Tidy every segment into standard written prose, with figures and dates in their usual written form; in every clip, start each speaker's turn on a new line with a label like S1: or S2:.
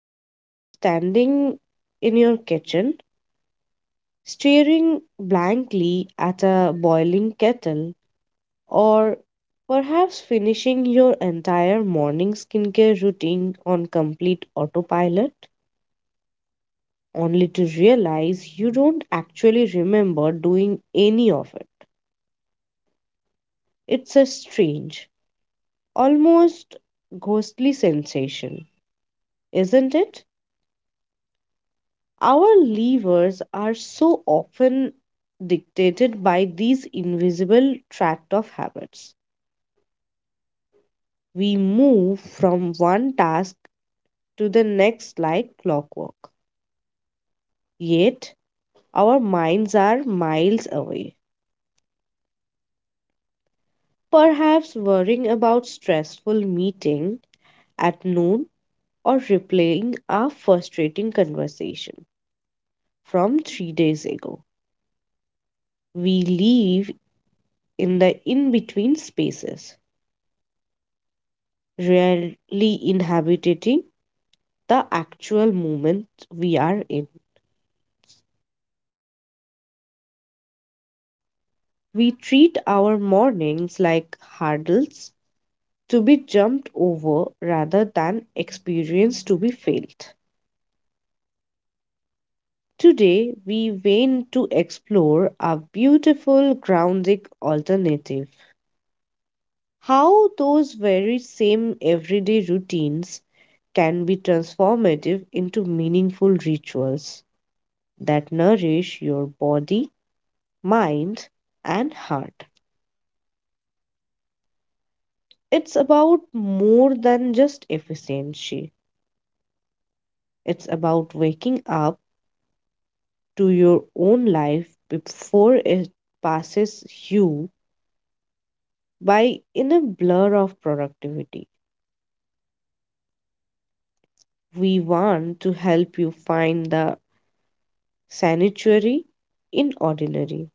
S1: yourself standing in your kitchen, staring blankly at a boiling kettle, or perhaps finishing your entire morning skincare routine on complete autopilot, only to realize you don't actually remember doing any of it? It's a strange, almost ghostly sensation, isn't it? Our levers are so often dictated by these invisible tract of habits. We move from one task to the next like clockwork. Yet, our minds are miles away, perhaps worrying about stressful meeting at noon or replaying a frustrating conversation from 3 days ago. We live in the in between spaces rarely inhabiting the actual moment we are in. We treat our mornings like hurdles to be jumped over rather than experience to be felt. Today, we went to explore a beautiful grounding alternative. How those very same everyday routines can be transformative into meaningful rituals that nourish your body mind, and heart. It's about more than just efficiency, it's about waking up to your own life before it passes you by in a blur of productivity. We want to help you find the sanctuary in ordinary,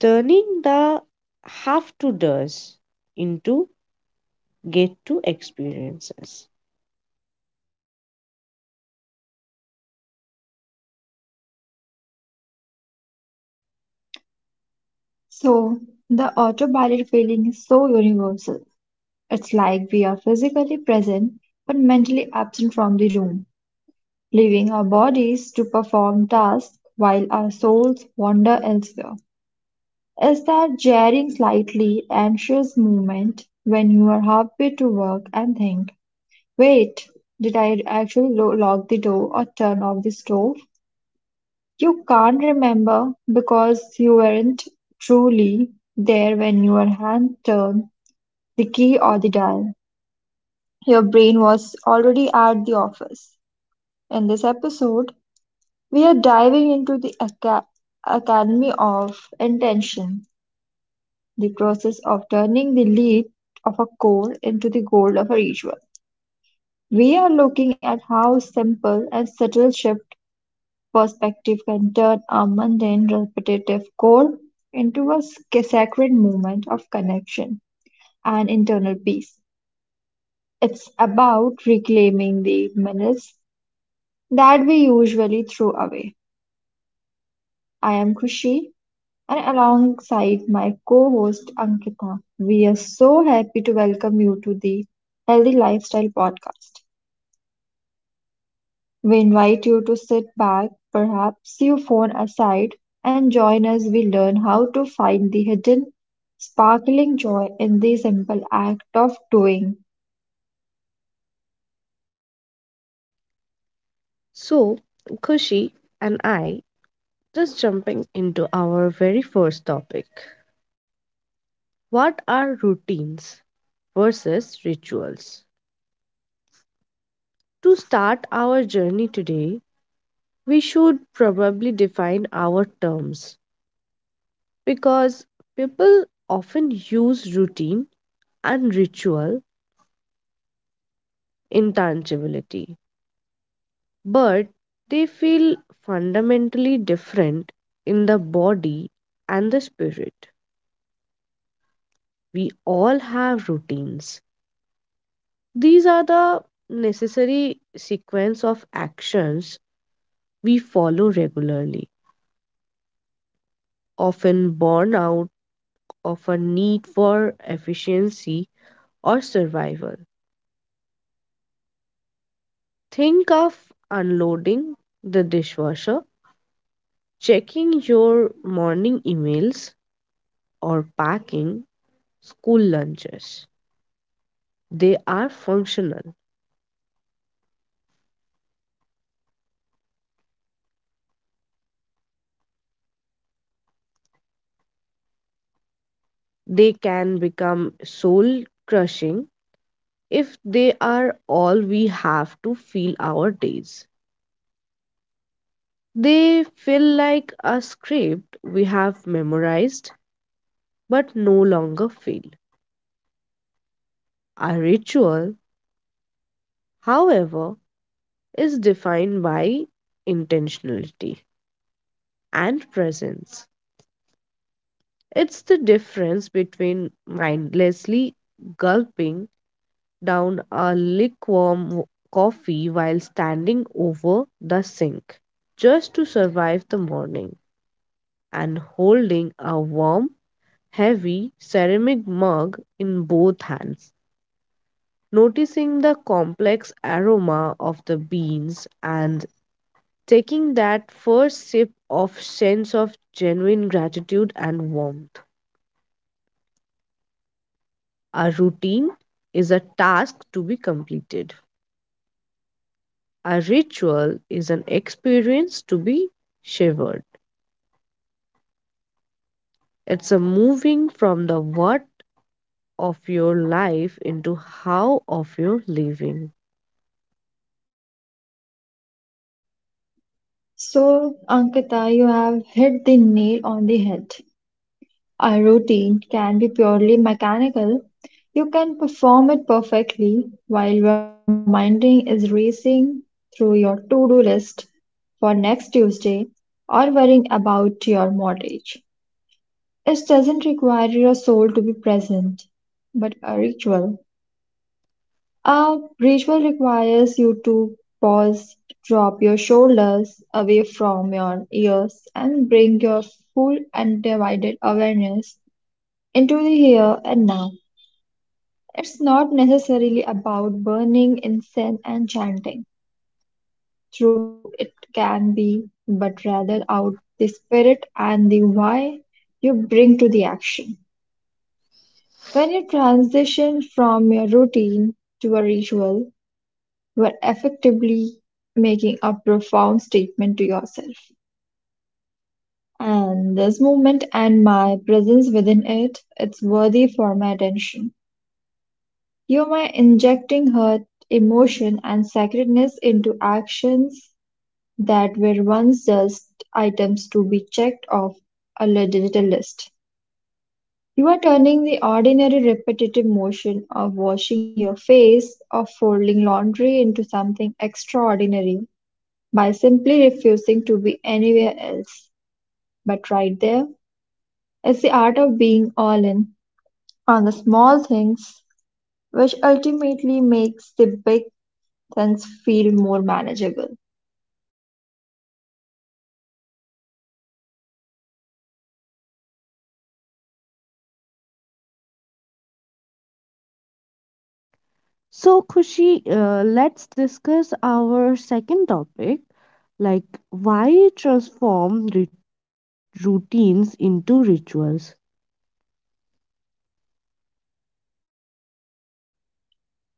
S1: turning the have to does into get to experiences.
S2: So, the autopilot feeling is so universal. It's like we are physically present but mentally absent from the room, leaving our bodies to perform tasks while our souls wander elsewhere. Is that jarring, slightly anxious moment when you are halfway to work and think, wait, did I actually lock the door or turn off the stove? You can't remember because you weren't truly there when your hand turned the key or the dial. Your brain was already at the office. In this episode, we are diving into the Academy of Intention, the process of turning the lead of a core into the gold of a ritual. We are looking at how simple and subtle shift perspective can turn a mundane, repetitive core into a sacred moment of connection and internal peace. It's about reclaiming the minutes that we usually throw away. I am Khushi and alongside my co-host Ankita, we are so happy to welcome you to the Healthy Lifestyle podcast. We invite you to sit back, perhaps your phone aside, and join us we learn how to find the hidden sparkling joy in the simple act of doing.
S1: So, Kushi and I Just jumping into our very first topic. What are routines versus rituals? To start our journey today, we should probably define our terms because people often use routine and ritual interchangeably, but they feel fundamentally different in the body and the spirit. We all have routines. These are the necessary sequence of actions we follow regularly, often born out of a need for efficiency or survival. Think of unloading the dishwasher, checking your morning emails, or packing school lunches. They are functional. They can become soul crushing if they are all we have to fill our days. They feel like a script we have memorized but no longer feel. A ritual, however, is defined by intentionality and presence. It's the difference between mindlessly gulping down a lukewarm coffee while standing over the sink just to survive the morning and holding a warm heavy ceramic mug in both hands, noticing the complex aroma of the beans and taking that first sip of sense of genuine gratitude and warmth. A routine is a task to be completed. A ritual is an experience to be shivered. It's a moving from the what of your life into how of your living.
S2: So, Ankita, you have hit the nail on the head. A routine can be purely mechanical. You can perform it perfectly while your mind is racing through your to do list for next Tuesday or worrying about your mortgage. It doesn't require your soul to be present, but a ritual. A ritual requires you to pause, drop your shoulders away from your ears, and bring your full undivided awareness into the here and now. It's not necessarily about burning incense and chanting, though it can be, but rather out the spirit and the why you bring to the action. When you transition from your routine to a ritual, you are effectively making a profound statement to yourself. And this movement and my presence within it, it's worthy for my attention. You may injecting hurt, emotion, and sacredness into actions that were once just items to be checked off a digital list. You are turning the ordinary repetitive motion of washing your face or folding laundry into something extraordinary by simply refusing to be anywhere else. But right there is the art of being all in on the small things, which ultimately makes the big things feel more manageable.
S1: So, Kushi, let's discuss our second topic, like why transform routines into rituals.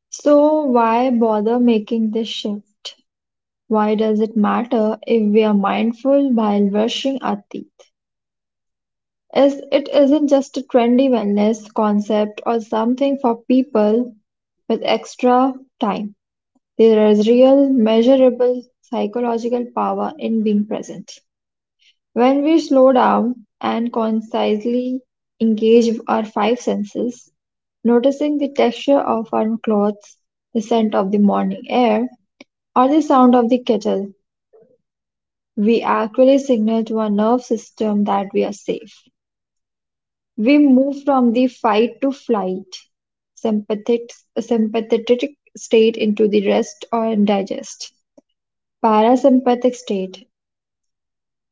S2: So, why bother making this shift? Why does it matter if we are mindful while brushing our teeth? Is it isn't just a trendy wellness concept or something for people with extra time. There is real measurable psychological power in being present. When we slow down and concisely engage our five senses, noticing the texture of our clothes, the scent of the morning air, or the sound of the kettle, we actually signal to our nerve system that we are safe. We move from the fight to flight sympathetic state into the rest or digest. Parasympathetic state.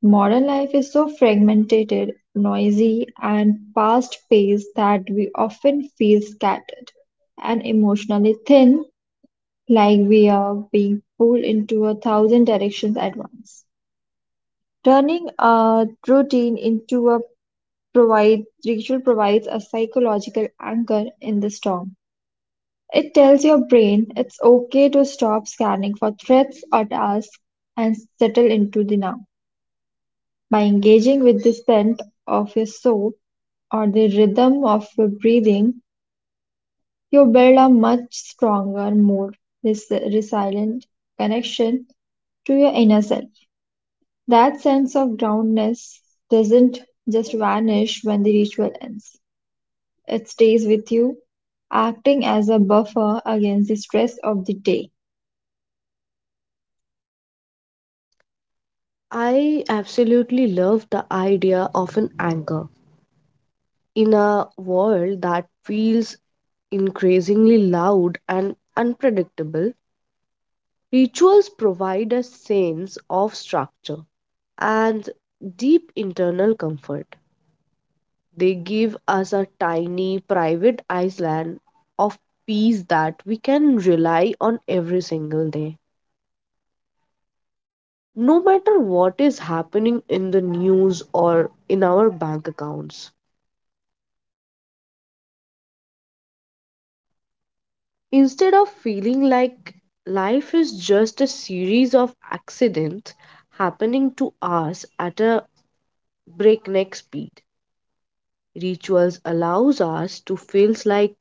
S2: Modern life is so fragmented, noisy, and fast paced that we often feel scattered and emotionally thin, like we are being pulled into a thousand directions at once. Turning a routine into a provide ritual provides a psychological anchor in the storm. It tells your brain it's okay to stop scanning for threats or tasks and settle into the now. By engaging with the scent of your soul, or the rhythm of your breathing, you build a much stronger, more resilient connection to your inner self. That sense of groundedness doesn't just vanish when the ritual ends, it stays with you, acting as a buffer against the stress of the day.
S1: I absolutely love the idea of an anchor. In a world that feels increasingly loud and unpredictable, rituals provide a sense of structure and deep internal comfort. They give us a tiny private island of peace that we can rely on every single day, no matter what is happening in the news or in our bank accounts. Instead of feeling like life is just a series of accidents happening to us at a breakneck speed, rituals allows us to feel like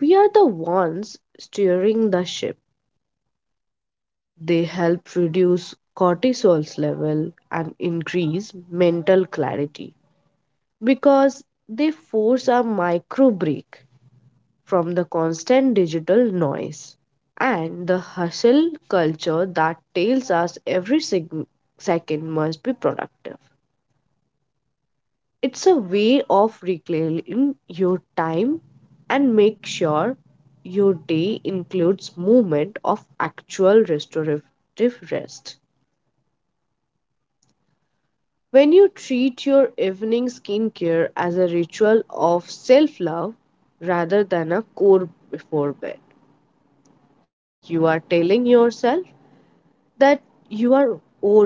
S1: we are the ones steering the ship. They help reduce cortisol's level and increase mental clarity because they force a micro break from the constant digital noise and the hustle culture that tells us every second must be productive. It's a way of reclaiming your time and make sure your day includes movement of actual restorative rest. When you treat your evening skincare as a ritual of self love rather than a chore before bed, you are telling yourself that you are worth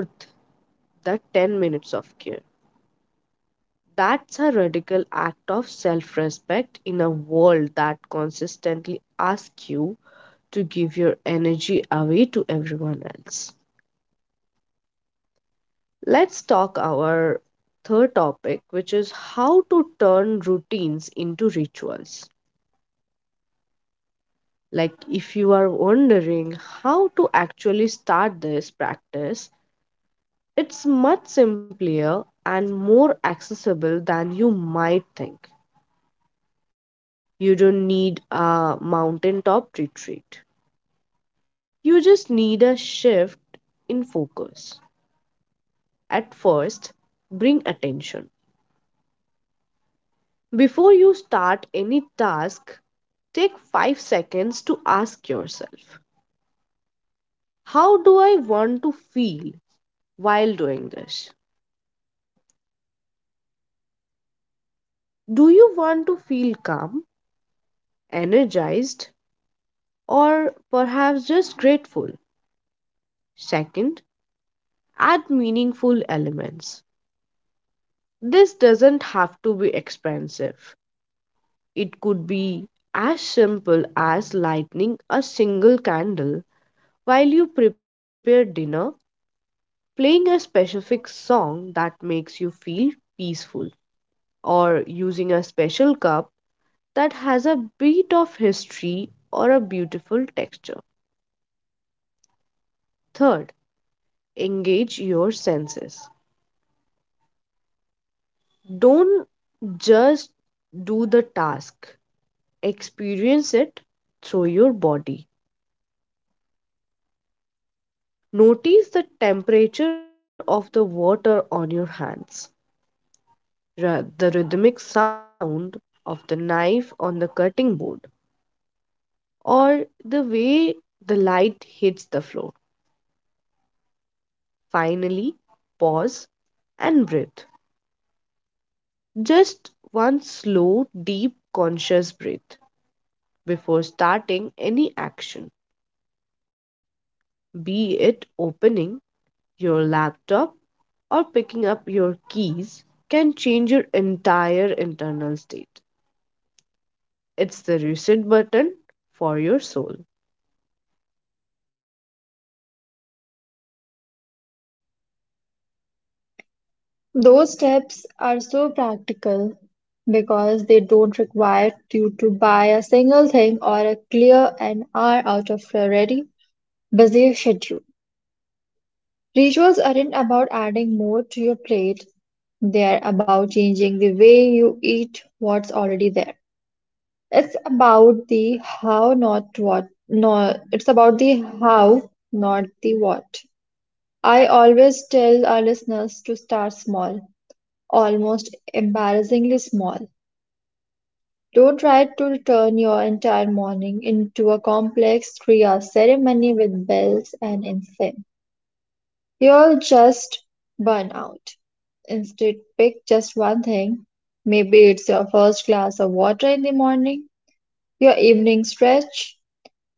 S1: the 10 minutes of care. That's a radical act of self respect in a world that consistently asks you to give your energy away to everyone else. Let's talk our third topic, which is how to turn routines into rituals. Like, if you are wondering how to actually start this practice, it's much simpler and more accessible than you might think. You don't need a mountaintop retreat, you just need a shift in focus. At first, bring attention. Before you start any task, take 5 seconds to ask yourself, how do I want to feel while doing this? Do you want to feel calm, energized, or perhaps just grateful? Second, add meaningful elements. This doesn't have to be expensive. It could be as simple as lighting a single candle while you prepare dinner, playing a specific song that makes you feel peaceful, or using a special cup that has a bit of history or a beautiful texture. Third, engage your senses. Don't just do the task, experience it through your body. Notice the temperature of the water on your hands, the rhythmic sound of the knife on the cutting board, or the way the light hits the floor. Finally, pause and breathe. Just one slow, deep, conscious breath before starting any action, be it opening your laptop or picking up your keys, can change your entire internal state. It's the reset button for your soul.
S2: Those steps are so practical because they don't require you to buy a single thing or a clear an hour out of your ready busy schedule. Rituals aren't about adding more to your plate, they're about changing the way you eat what's already there. It's about the how, not what. No, it's about the how, not the what. I always tell our listeners to start small, almost embarrassingly small. Don't try to turn your entire morning into a complex 3-hour ceremony with bells and incense. You'll just burn out. Instead, pick just one thing. Maybe it's your first glass of water in the morning, your evening stretch,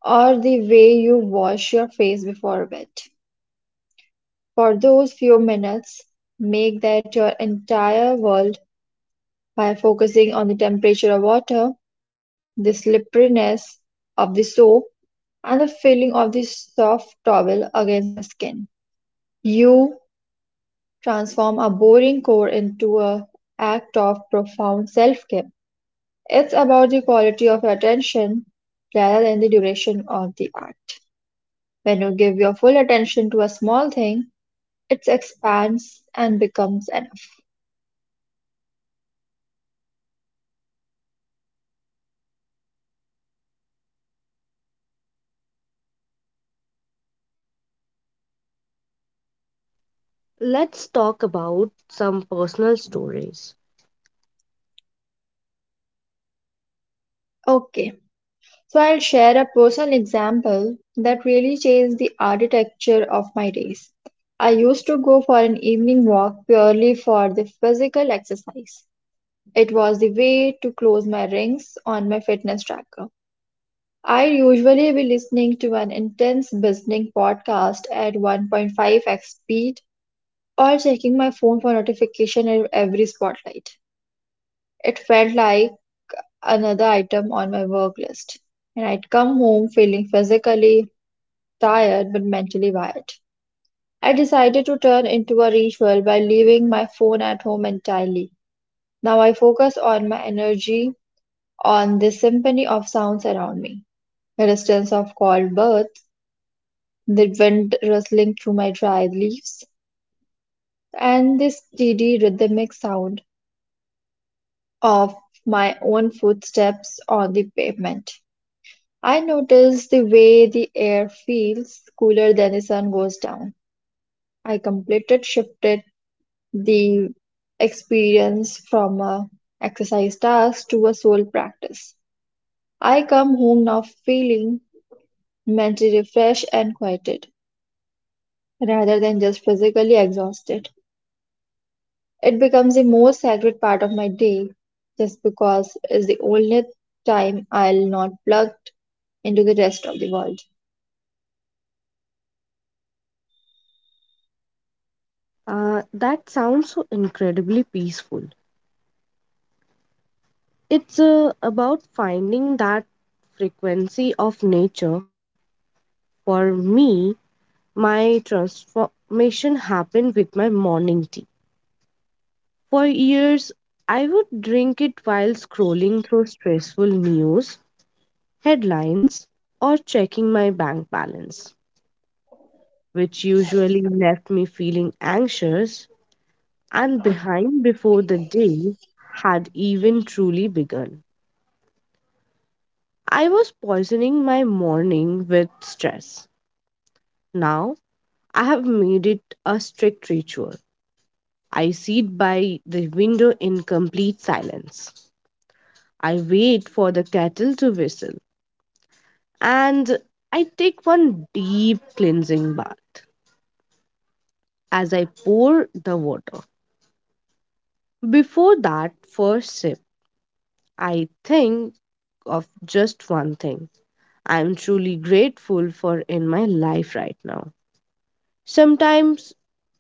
S2: or the way you wash your face before bed. For those few minutes, make that your entire world by focusing on the temperature of water, the slipperiness of the soap, and the feeling of the soft towel against your skin. You transform a boring chore into an act of profound self-care. It's about the quality of attention rather than the duration of the act. When you give your full attention to a small thing, it expands and becomes enough.
S1: Let's talk about some personal stories.
S2: Okay, so I'll share a personal example that really changed the architecture of my days. I used to go for an evening walk purely for the physical exercise. It was the way to close my rings on my fitness tracker. I usually be listening to an intense business podcast at 1.5x speed or checking my phone for notification at every spotlight. It felt like another item on my work list, and I'd come home feeling physically tired but mentally wired. I decided to turn into a ritual by leaving my phone at home entirely. Now I focus on my energy on the symphony of sounds around me. The distance of cold birds, the wind rustling through my dried leaves, and the steady rhythmic sound of my own footsteps on the pavement. I notice the way the air feels cooler than the sun goes down. I completed shifted the experience from a exercise task to a soul practice. I come home now feeling mentally refreshed and quieted, rather than just physically exhausted. It becomes the most sacred part of my day just because it's the only time I'll not plug into the rest of the world.
S1: That sounds so incredibly peaceful. It's about finding that frequency of nature. For me, my transformation happened with my morning tea. For years, I would drink it while scrolling through stressful news, headlines, or checking my bank balance, which usually left me feeling anxious and behind before the day had even truly begun. I was poisoning my morning with stress. Now, I have made it a strict ritual. I sit by the window in complete silence. I wait for the kettle to whistle, and I take one deep cleansing bath as I pour the water. Before that first sip, I think of just one thing I am truly grateful for in my life right now. Sometimes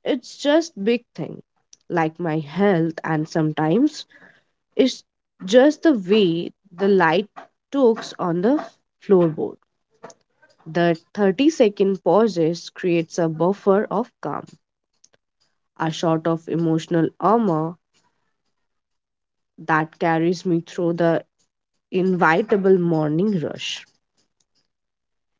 S1: it's just big thing like my health, and sometimes it's just the way the light talks on the floorboard. The 30-second pauses creates a buffer of calm, a sort of emotional armor that carries me through the inevitable morning rush.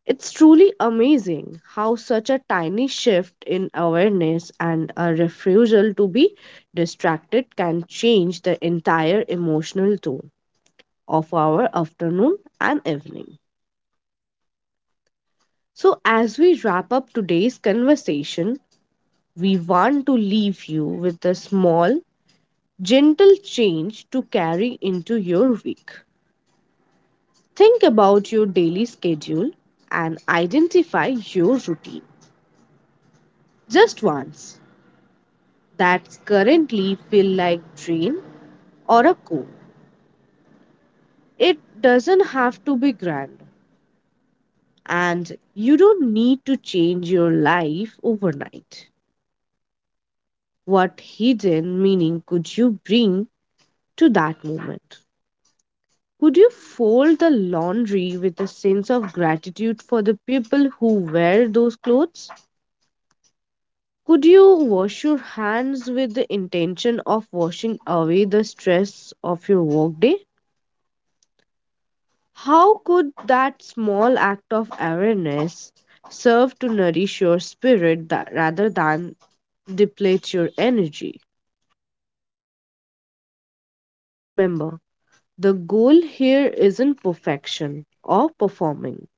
S1: It's truly amazing how such a tiny shift in awareness and a refusal to be distracted can change the entire emotional tone of our afternoon and evening. So, as we wrap up today's conversation, we want to leave you with a small, gentle change to carry into your week. Think about your daily schedule and identify your routine just once that's currently feel like drain or a core. It doesn't have to be grand, and you don't need to change your life overnight. What hidden meaning could you bring to that moment? Could you fold the laundry with a sense of gratitude for the people who wear those clothes? Could you wash your hands with the intention of washing away the stress of your workday? How could that small act of awareness serve to nourish your spirit rather than deplete your energy? Remember, the goal here isn't perfection or performing.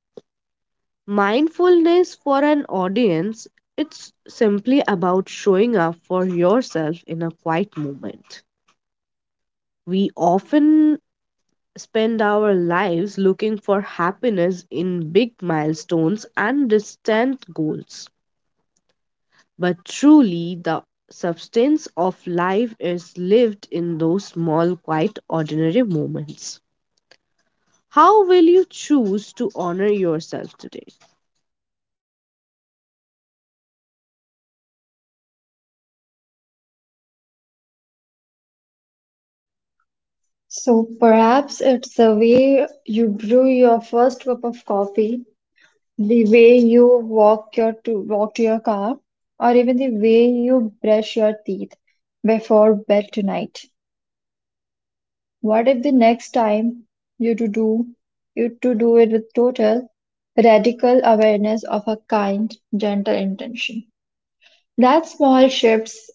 S1: Mindfulness for an audience, it's simply about showing up for yourself in a quiet moment. We often spend our lives looking for happiness in big milestones and distant goals. But truly, the substance of life is lived in those small, quite ordinary moments. How will you choose to honor yourself today?
S2: So perhaps it's the way you brew your first cup of coffee, the way you walk to your car, or even the way you brush your teeth before bed tonight. What if the next time you to do you to do it with total radical awareness of a kind, gentle intention? That small shifts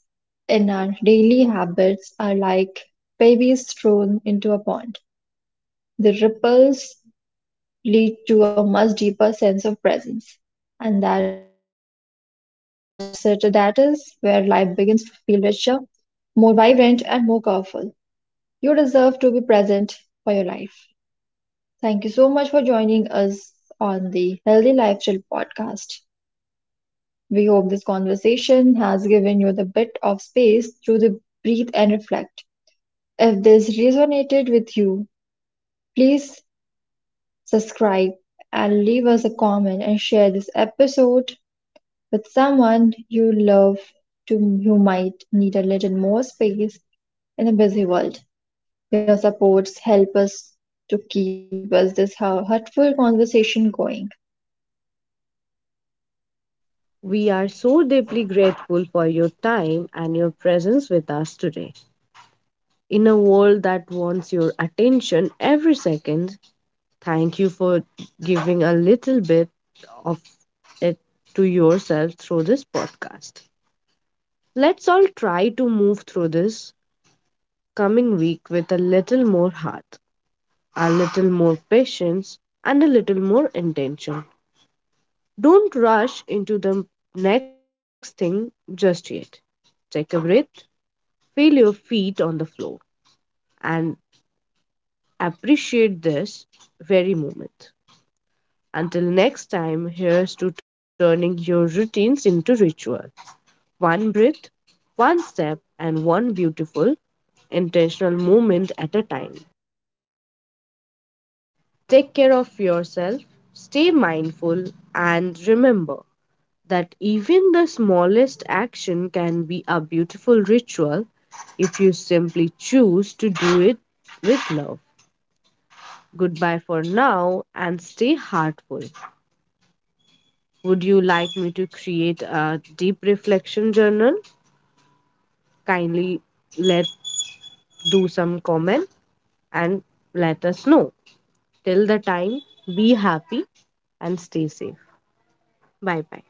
S2: in our daily habits are like babies thrown into a pond. The ripples lead to a much deeper sense of presence. And that's it. That is where life begins to feel richer, more vibrant, and more colorful. You deserve to be present for your life. Thank you so much for joining us on the Healthy Lifestyle podcast. We hope this conversation has given you the bit of space to the breathe and reflect. If this resonated with you, please subscribe and leave us a comment and share this episode with someone you love to who might need a little more space in a busy world. Your supports help us to keep us this hurtful conversation going.
S1: We are so deeply grateful for your time and your presence with us today. In a world that wants your attention every second, thank you for giving a little bit of it to yourself through this podcast. Let's all try to move through this coming week with a little more heart, a little more patience, and a little more intention. Don't rush into the next thing just yet. Take a breath, feel your feet on the floor, and appreciate this very moment. Until next time, here's to turning your routines into ritual. One breath, one step, and one beautiful, intentional moment at a time. Take care of yourself, stay mindful, and remember that even the smallest action can be a beautiful ritual if you simply choose to do it with love. Goodbye for now and stay heartful. Would you like me to create a deep reflection journal? Kindly let do some comment, and let us know. Till the time, be happy and stay safe. Bye bye.